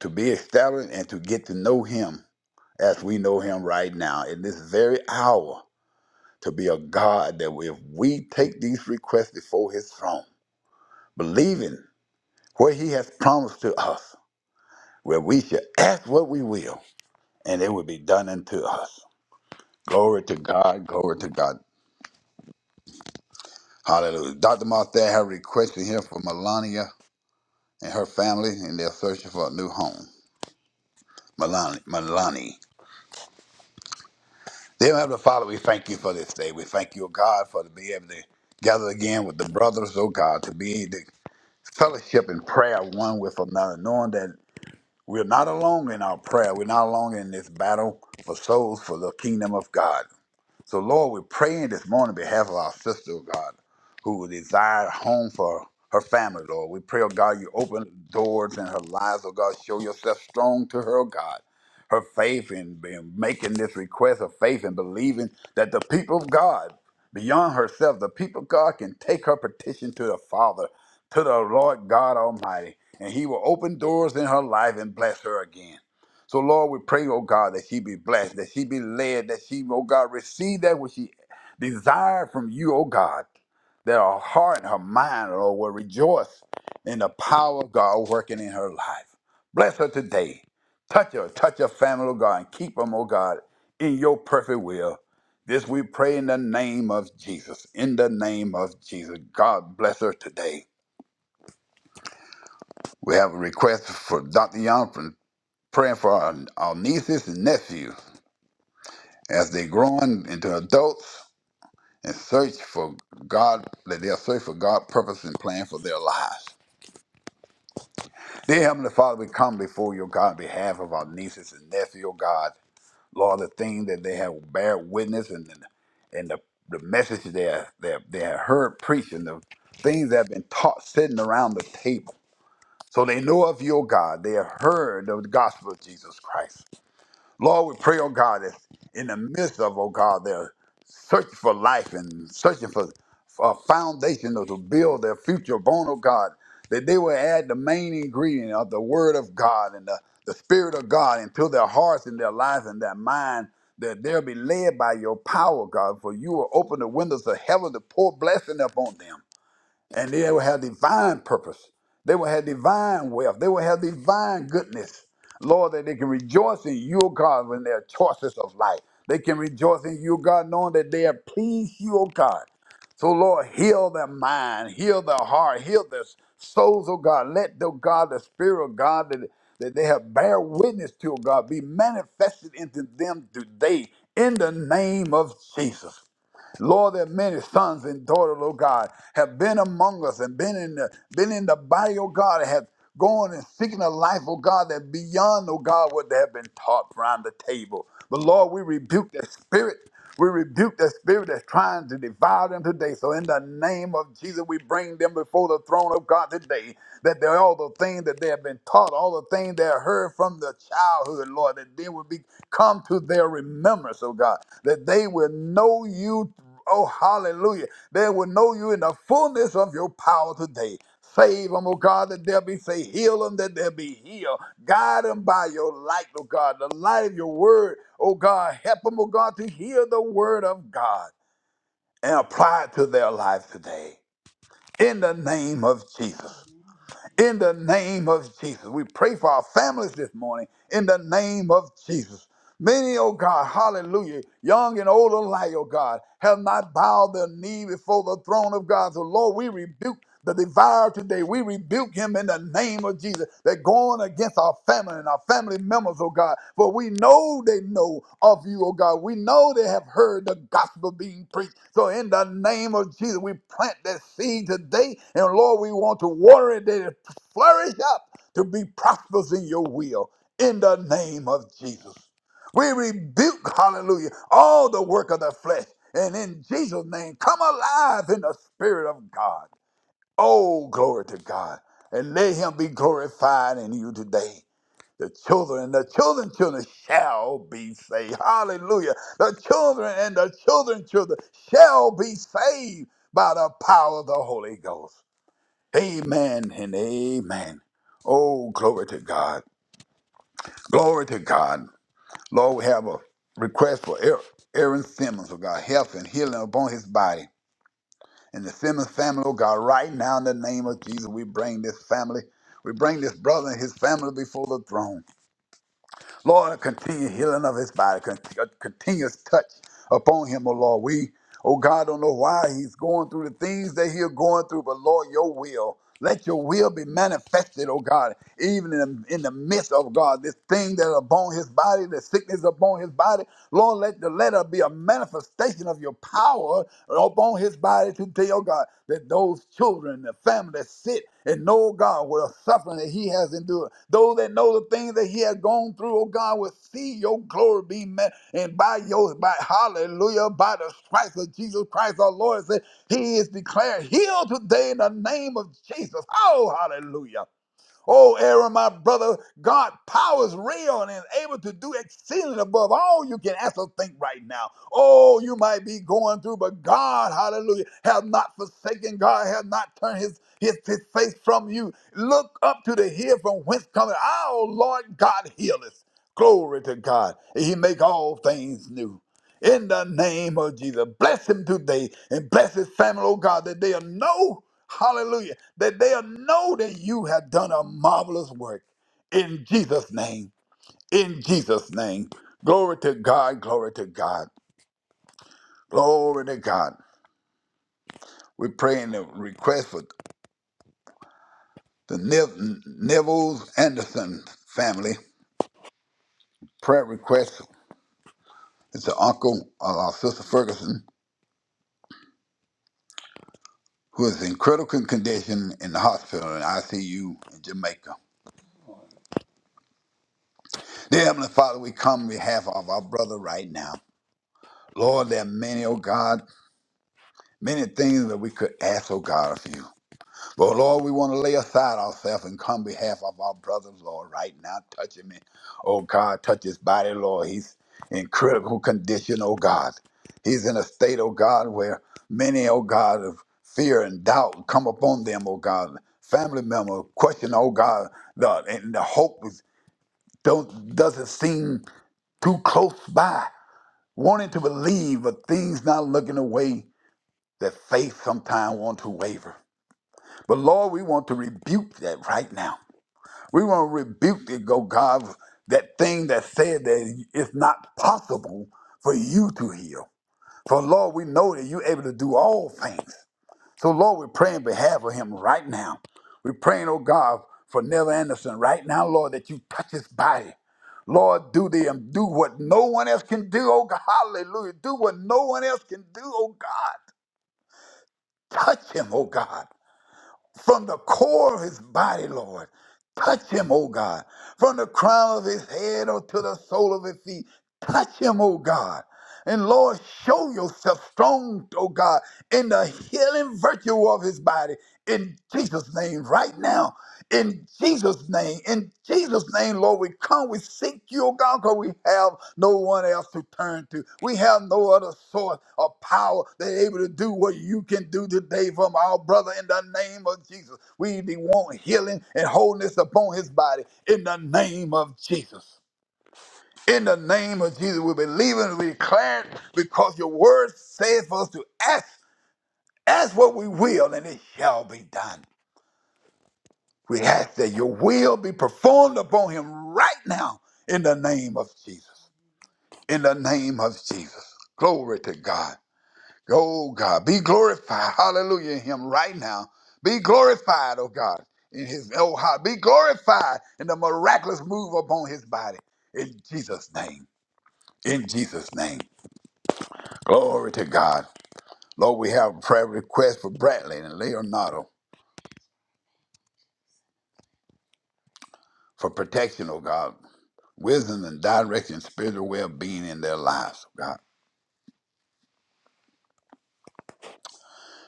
Speaker 2: to be established and to get to know Him as we know Him right now in this very hour. To be a God that if we take these requests before His throne, believing what he has promised to us, where we shall ask what we will, and it will be done unto us. Glory to God, glory to God. Hallelujah. Dr. Martha have requested here for Melania and her family, and they're searching for a new home. Melania. Melania. Dear Heavenly Father, we thank you for this day. We thank you, O God, for to be able to gather again with the brothers, oh God, to be able to fellowship and prayer one with another, knowing that We're not alone in our prayer. We're not alone in this battle for souls for the kingdom of God. So, Lord, we're praying this morning on behalf of our sister, oh God, who desired a home for her family, Lord. We pray, oh God, you open doors in her lives, oh God. Show yourself strong to her, oh God. Her faith in, in making this request of faith and believing that the people of God, beyond herself, the people of God can take her petition to the Father, to the Lord God Almighty, and He will open doors in her life and bless her again. So, Lord, we pray, oh God, that she be blessed, that she be led, that she, oh God, receive that which she desired from you, oh God, that her heart and her mind, Lord, will rejoice in the power of God working in her life. Bless her today. Touch her, touch her family, oh God, and keep them, oh God, in your perfect will. This we pray in the name of Jesus. In the name of Jesus. God bless her today. We have a request for Dr. Young from praying for our, our nieces and nephews. as they grow on into adults and search for God, that they'll search for God's purpose and plan for their lives. Dear Heavenly Father, we come before your God on behalf of our nieces and nephews, oh God. Lord, the thing that they have bear witness and and the, the message they have, they, have, they have heard preached and the things that have been taught sitting around the table. So they know of your God. They have heard of the gospel of Jesus Christ. Lord, we pray, oh God, that in the midst of, oh God, their searching for life and searching for a foundation to build their future upon, oh God, that they will add the main ingredient of the Word of God and the, the Spirit of God into their hearts and their lives and their mind, that they'll be led by your power, God, for you will open the windows of heaven to pour blessing upon them and they will have divine purpose. They will have divine wealth. They will have divine goodness. Lord, that they can rejoice in you, O God, in their choices of life. They can rejoice in you, God, knowing that they have pleased you, O God. So, Lord, heal their mind, heal their heart, heal their souls, O God. Let, the God, the Spirit of God that, that they have bear witness to, O God, be manifested into them today in the name of Jesus. Lord, that many sons and daughters, Lord God, have been among us and been in the been in the body, oh God, and have gone and seeking a life, oh God, that beyond, oh God, what they have been taught around the table. But Lord, we rebuke that spirit. We rebuke that spirit that's trying to devour them today. So in the name of Jesus, we bring them before the throne of God today. That they all the things that they have been taught all the things they heard from the childhood, Lord, that they would be come to their remembrance, oh God, that they will know you. Oh, hallelujah. They will know you in the fullness of your power today. Save them, oh God, that they'll be saved. Heal them, that they'll be healed. Guide them by your light, oh God, the light of your word, oh God. Help them, oh God, to hear the word of God and apply it to their life today. In the name of Jesus in the name of Jesus. We pray for our families this morning in the name of Jesus. Many, oh God, hallelujah, young and old alike, oh God, have not bowed their knee before the throne of God. So, Lord, we rebuke the devourer today. We rebuke him in the name of Jesus. They're going against our family and our family members, oh God. For we know they know of you, oh God. We know they have heard the gospel being preached. So in the name of Jesus, we plant that seed today. And Lord, we want to water it today flourish up to be prosperous in your will in the name of Jesus. We rebuke, hallelujah, all the work of the flesh. And in Jesus' name, come alive in the Spirit of God. Oh, glory to God. And let Him be glorified in you today. The children and the children, children shall be saved. Hallelujah. The children and the children, children shall be saved by the power of the Holy Ghost. Amen and amen. Oh, glory to God. Glory to God. Lord, we have a request for Aaron Aaron Simmons, oh God, health and healing upon his body. And the Simmons family, oh God, right now in the name of Jesus, we bring this family, we bring this brother and his family before the throne. Lord, continue healing of his body, continue, continuous touch upon him, oh Lord. We, oh God, don't know why he's going through the things that he's going through, but Lord, your will. Let your will be manifested, oh God, even in in the midst of God, this thing that upon his body, the sickness upon his body. Lord, let the letter be a manifestation of your power upon his body to tell God that those children, the family that sit and know God with the suffering that he has endured, those that know the things that he has gone through, oh God, will see your glory be met. And by your by hallelujah, by the stripes of Jesus Christ our Lord, say, He is declared healed today in the name of Jesus. Oh, hallelujah. Oh, Aaron, my brother, God power is real and is able to do exceeding above all you can ask or think right now. Oh, you might be going through, but God, hallelujah, have not forsaken. God has not turned his, his, his face from you. Look up to the hill from whence cometh our Lord God healeth. Glory to God. He make all things new in the name of Jesus. Bless him today and bless his family, oh God, that they'll know, hallelujah, that they'll know that you have done a marvelous work in Jesus' name. In Jesus' name. Glory to God, glory to God, glory to God. We're praying the request for the Nev- Neville's Anderson family. Prayer request is the uncle of our sister Ferguson, who is in critical condition in the hospital in ICU in Jamaica. Dear Heavenly Father, we come on behalf of our brother right now. Lord, there are many, oh God, many things that we could ask, oh God, of you. But Lord, we want to lay aside ourselves and come on behalf of our brothers, Lord, right now. Touch him, in- oh God, touch his body, Lord. He's in critical condition, oh God. He's in a state, oh God, where many, oh God, of fear and doubt come upon them, oh God. Family members question, oh God, the, and the hope is, don't, doesn't seem too close by. wanting to believe, but things not looking the way that faith sometimes want to waver. But Lord, we want to rebuke that right now. We want to rebuke it, go God, that thing that said that it's not possible for you to heal. For Lord, we know that you're able to do all things. So, Lord, we pray in behalf of him right now. We're praying, oh God, for Neil Anderson right now, Lord, that you touch his body. Lord, do the um, do what no one else can do, oh God. Hallelujah. Do what no one else can do, oh God. Touch him, oh God from the core of his body, Lord. Touch him, O God, from the crown of his head unto the sole of his feet. Touch him, O God. And Lord, show yourself strong, O God, in the healing virtue of his body. In Jesus' name, right now. In Jesus' name, in Jesus' name, Lord, we come, we seek you, oh God, because we have no one else to turn to. We have no other source of power that is able to do what you can do today from our brother in the name of Jesus. We want healing and wholeness upon his body in the name of Jesus. In the name of Jesus, we believe and we declare it because your word says for us to ask, ask what we will, and it shall be done. We ask that your will be performed upon him right now in the name of Jesus. In the name of Jesus. Glory to God. Oh God, be glorified. Hallelujah in him right now. Be glorified, oh God, in his oh heart. Be glorified in the miraculous move upon his body. In Jesus' name. In Jesus' name. Glory to God. Lord, we have a prayer request for Bradley and Leonardo for protection, oh God. wisdom and direction, spiritual well-being in their lives, oh God.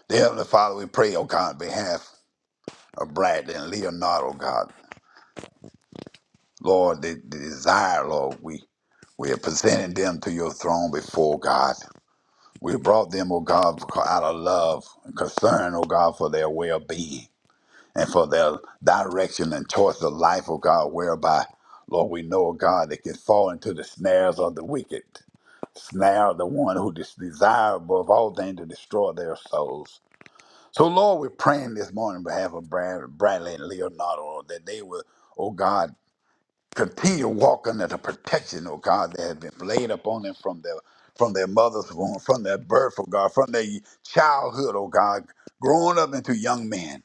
Speaker 2: Dear Heavenly Father, we pray, oh God, on behalf of Bradley and Leonardo, oh God. Lord, the, the desire, Lord, we we have presented them to your throne before God. We brought them, oh God, out of love and concern, oh God, for their well-being and for their direction and choice of life, oh God, whereby, Lord, we know, oh God, they can fall into the snares of the wicked. Now the one who is desirable of all things to destroy their souls. So, Lord, we're praying this morning on behalf of Brad- Bradley and Leonardo that they will, oh God, continue walking in the protection, oh God, that has been laid upon them from their from their mother's womb, from their birth, oh God, from their childhood, oh God, growing up into young men.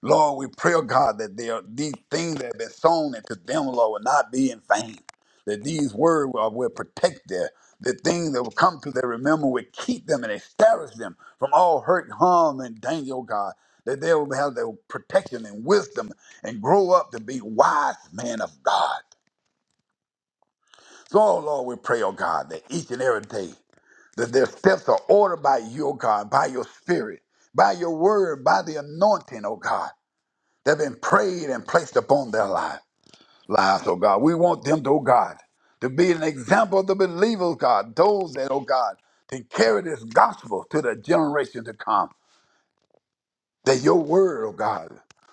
Speaker 2: Lord, we pray, oh God, that they are, these things that have been sown into them, Lord, will not be in vain. That these words will, will protect their the things that will come to their remember will keep them and establish them from all hurt, harm, and danger, oh God. That they will have their protection and wisdom and grow up to be wise men of God. So, oh Lord, we pray, oh God, that each and every day that their steps are ordered by you, oh God, by your spirit, by your word, by the anointing, oh God, that have been prayed and placed upon their life, lives, oh God. We want them, to, oh God, to be an example of the believers, oh God, those that, oh God, can carry this gospel to the generation to come that your word, oh God,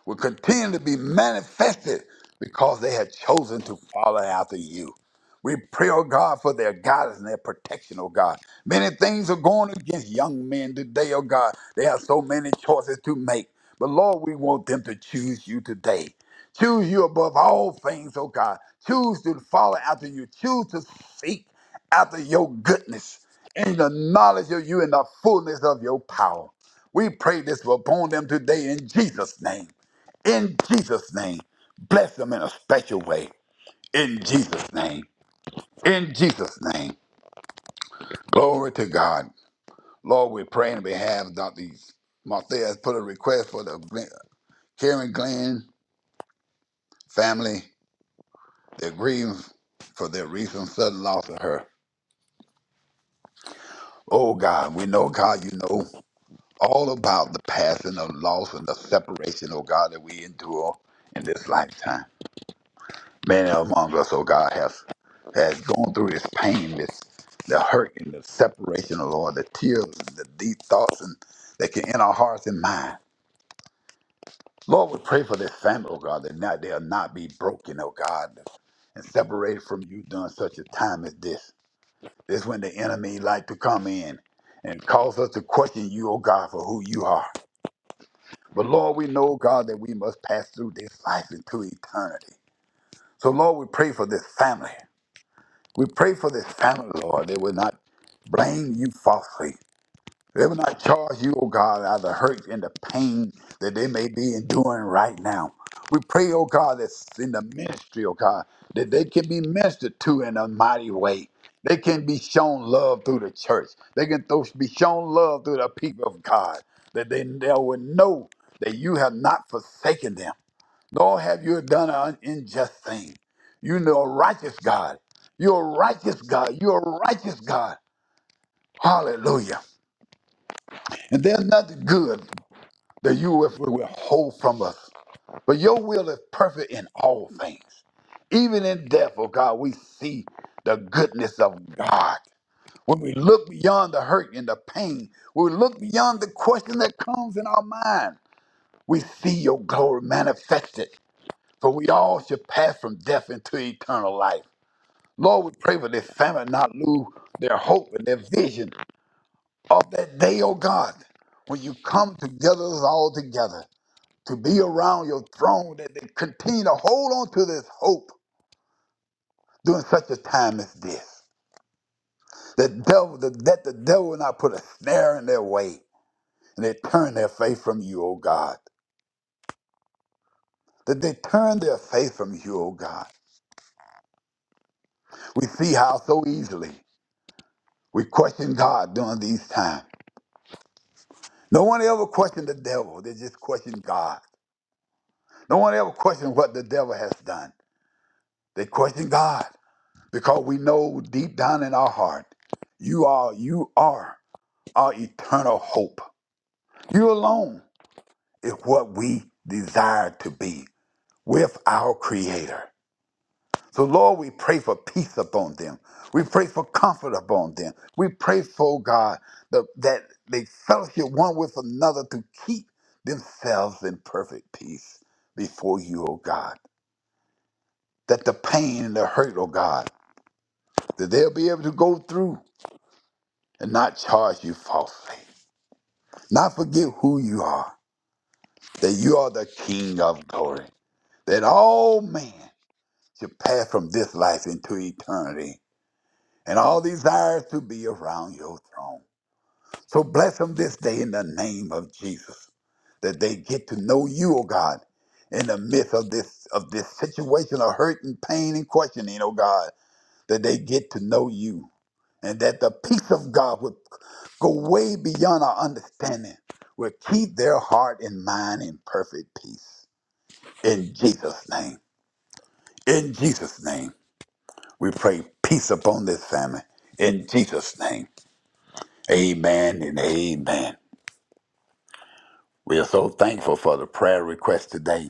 Speaker 2: will continue to be manifested because they have chosen to follow after you. We pray, oh God, for their guidance and their protection, oh God. Many things are going against young men today, oh God. They have so many choices to make. But Lord, we want them to choose you today. Choose you above all things, oh God. Choose to follow after you. Choose to seek after your goodness and the knowledge of you and the fullness of your power. We pray this upon them today in Jesus' name. In Jesus' name. Bless them in a special way. In Jesus' name. In Jesus' name. Glory to God. Lord, we pray on behalf of Dr. Martha has put a request for the Karen Glenn family. They're grieving for their recent sudden loss of her. Oh God, we know, God, you know all about the passing of loss and the separation, oh God, that we endure in this lifetime. many among us, oh God, has has gone through this pain, this the hurt and the separation, oh Lord, the tears and the deep thoughts and that can in our hearts and mind. Lord, we pray for this family, oh God, that not they'll not be broken, oh God, and separated from you during such a time as this. This is when the enemy like to come in and cause us to question you, oh God, for who you are. But Lord, we know, God, that we must pass through this life into eternity. So Lord, we pray for this family. We pray for this family, Lord. They will not blame you falsely. They will not charge you, O God, out of the hurt and the pain that they may be enduring right now. We pray, O God, that's in the ministry, O God, that they can be ministered to in a mighty way. They can be shown love through the church. They can tho- be shown love through the people of God. That they, they will know that you have not forsaken them nor have you done an unjust thing. You know, righteous God. You're a righteous God. You're a righteous God. Hallelujah. And there's nothing good that you will withhold from us. But your will is perfect in all things. Even in death, oh God, we see the goodness of God. When we look beyond the hurt and the pain, when we look beyond the question that comes in our mind, we see your glory manifested for we all should pass from death into eternal life. Lord, we pray for this family not lose their hope and their vision of that day, oh God, when you come together us all together to be around your throne, that they continue to hold on to this hope during such a time as this. The devil, the, that the devil will not put a snare in their way and they turn their faith from you, oh God. That they turn their faith from you, oh God. We see how so easily we question God during these times. No one ever questioned the devil. They just questioned God. No one ever questioned what the devil has done. They question God because we know deep down in our heart, you are, you are our eternal hope. You alone is what we desire to be with our Creator. So, Lord, we pray for peace upon them. We pray for comfort upon them. We pray for God the, that they fellowship one with another to keep themselves in perfect peace before you, O God. That the pain and the hurt, O God, that they'll be able to go through and not charge you falsely. Not forget who you are, that you are the King of glory, that all man should pass from this life into eternity and all desires to be around your throne. So bless them this day in the name of Jesus, that they get to know you, oh God, in the midst of this of this situation of hurt and pain and questioning, oh God, that they get to know you, and that the peace of God would go way beyond our understanding, will keep their heart and mind in perfect peace. In Jesus' name, in Jesus' name, we pray peace upon this family. In Jesus' name, Amen and Amen. We are so thankful for the prayer request today.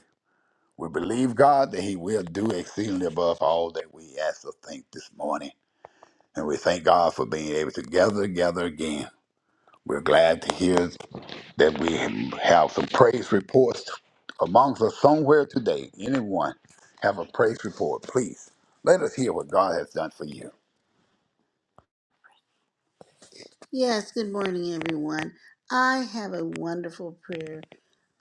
Speaker 2: We believe, God, that He will do exceedingly above all that we ask or think this morning. And we thank God for being able to gather together again. We're glad to hear that we have some praise reports amongst us somewhere today. Anyone have a praise report, please. Let us hear what God has done for you. Yes, good morning, everyone. I have a wonderful prayer.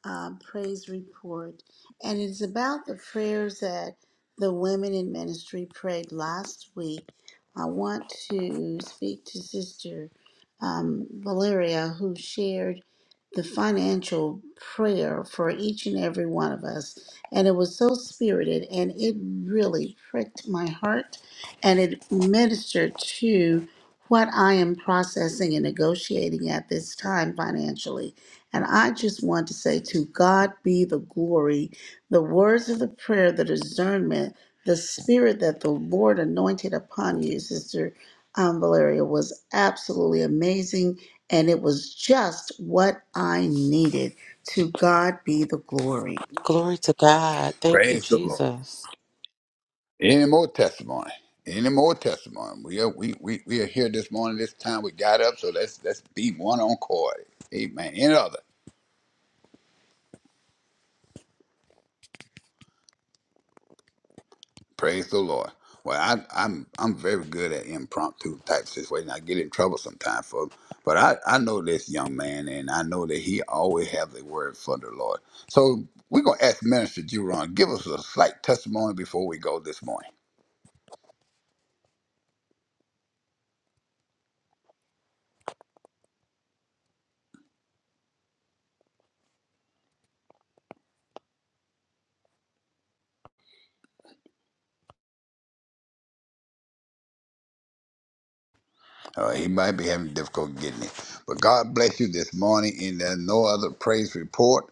Speaker 2: um, praise report, and it's about the prayers that the women in ministry prayed last week. I want to speak to Sister um, Valeria, who shared the financial prayer for each and every one of us, and it was so spirited, and it really pricked my heart, and it ministered to. What I am processing and negotiating at this time financially. And I just want to say to God be the glory, the words of the prayer, the discernment, the spirit that the Lord anointed upon you, Sister um, Valeria, was absolutely amazing. And it was just what I needed. To God be the glory.
Speaker 5: Glory to God. Thank you,
Speaker 2: Praise the Lord.
Speaker 5: Jesus.
Speaker 2: Any more testimony? Any more testimony? We are we, we, we are here this morning, this time we got up, so let's let's be one on chord. Amen. Any other? Praise the Lord. Well, I, I'm I'm very good at impromptu type situations. I get in trouble sometimes for, but I I know this young man, and I know that he always has a word for the Lord. So we're gonna ask Minister Juron give us a slight testimony before we go this morning. Uh, he might be having difficulty getting it, but God bless you this morning. And there's no other praise report.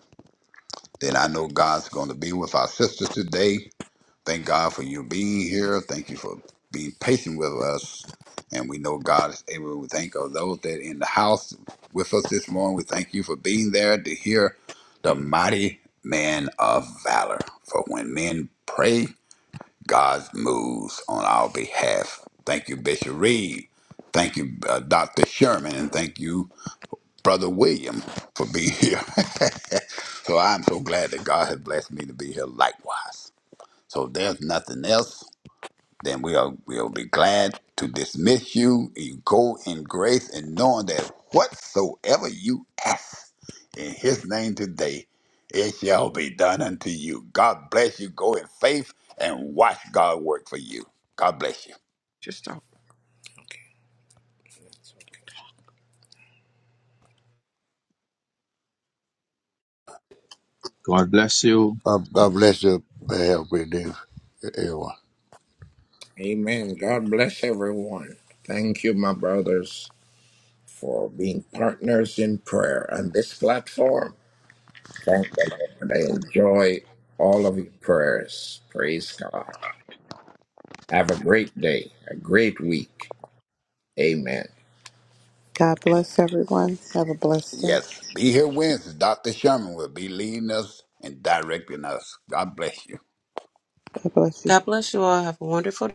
Speaker 2: Then I know God's going to be with our sisters today. Thank God for you being here. Thank you for being patient with us. And we know God is able. We thank of those that in the house with us this morning. We thank you for being there to hear the mighty man of valor. For when men pray, God moves on our behalf. Thank you, Bishop Reed. Thank you, uh, Dr. Sherman. And thank you, Brother William, for being here. *laughs* so I'm so glad that God has blessed me to be here likewise. So there's nothing else then we'll we'll be glad to dismiss you. You go in grace and knowing that whatsoever you ask in his name today, it shall be done unto you. God bless you. Go in faith and watch God work for you. God bless you.
Speaker 3: Just stop. Okay.
Speaker 4: God bless you
Speaker 6: God, God bless you and help you, dear everyone.
Speaker 3: Amen. God bless everyone. Thank you, my brothers, for being partners in prayer on this platform Thank you. Lord. I enjoy all of your prayers. Praise God.
Speaker 7: God bless everyone. Have a blessed day.
Speaker 2: Yes, be here Wednesday. Dr. Sherman will be leading us and directing us. God bless you.
Speaker 7: God bless you.
Speaker 5: God bless you all. Have a wonderful day.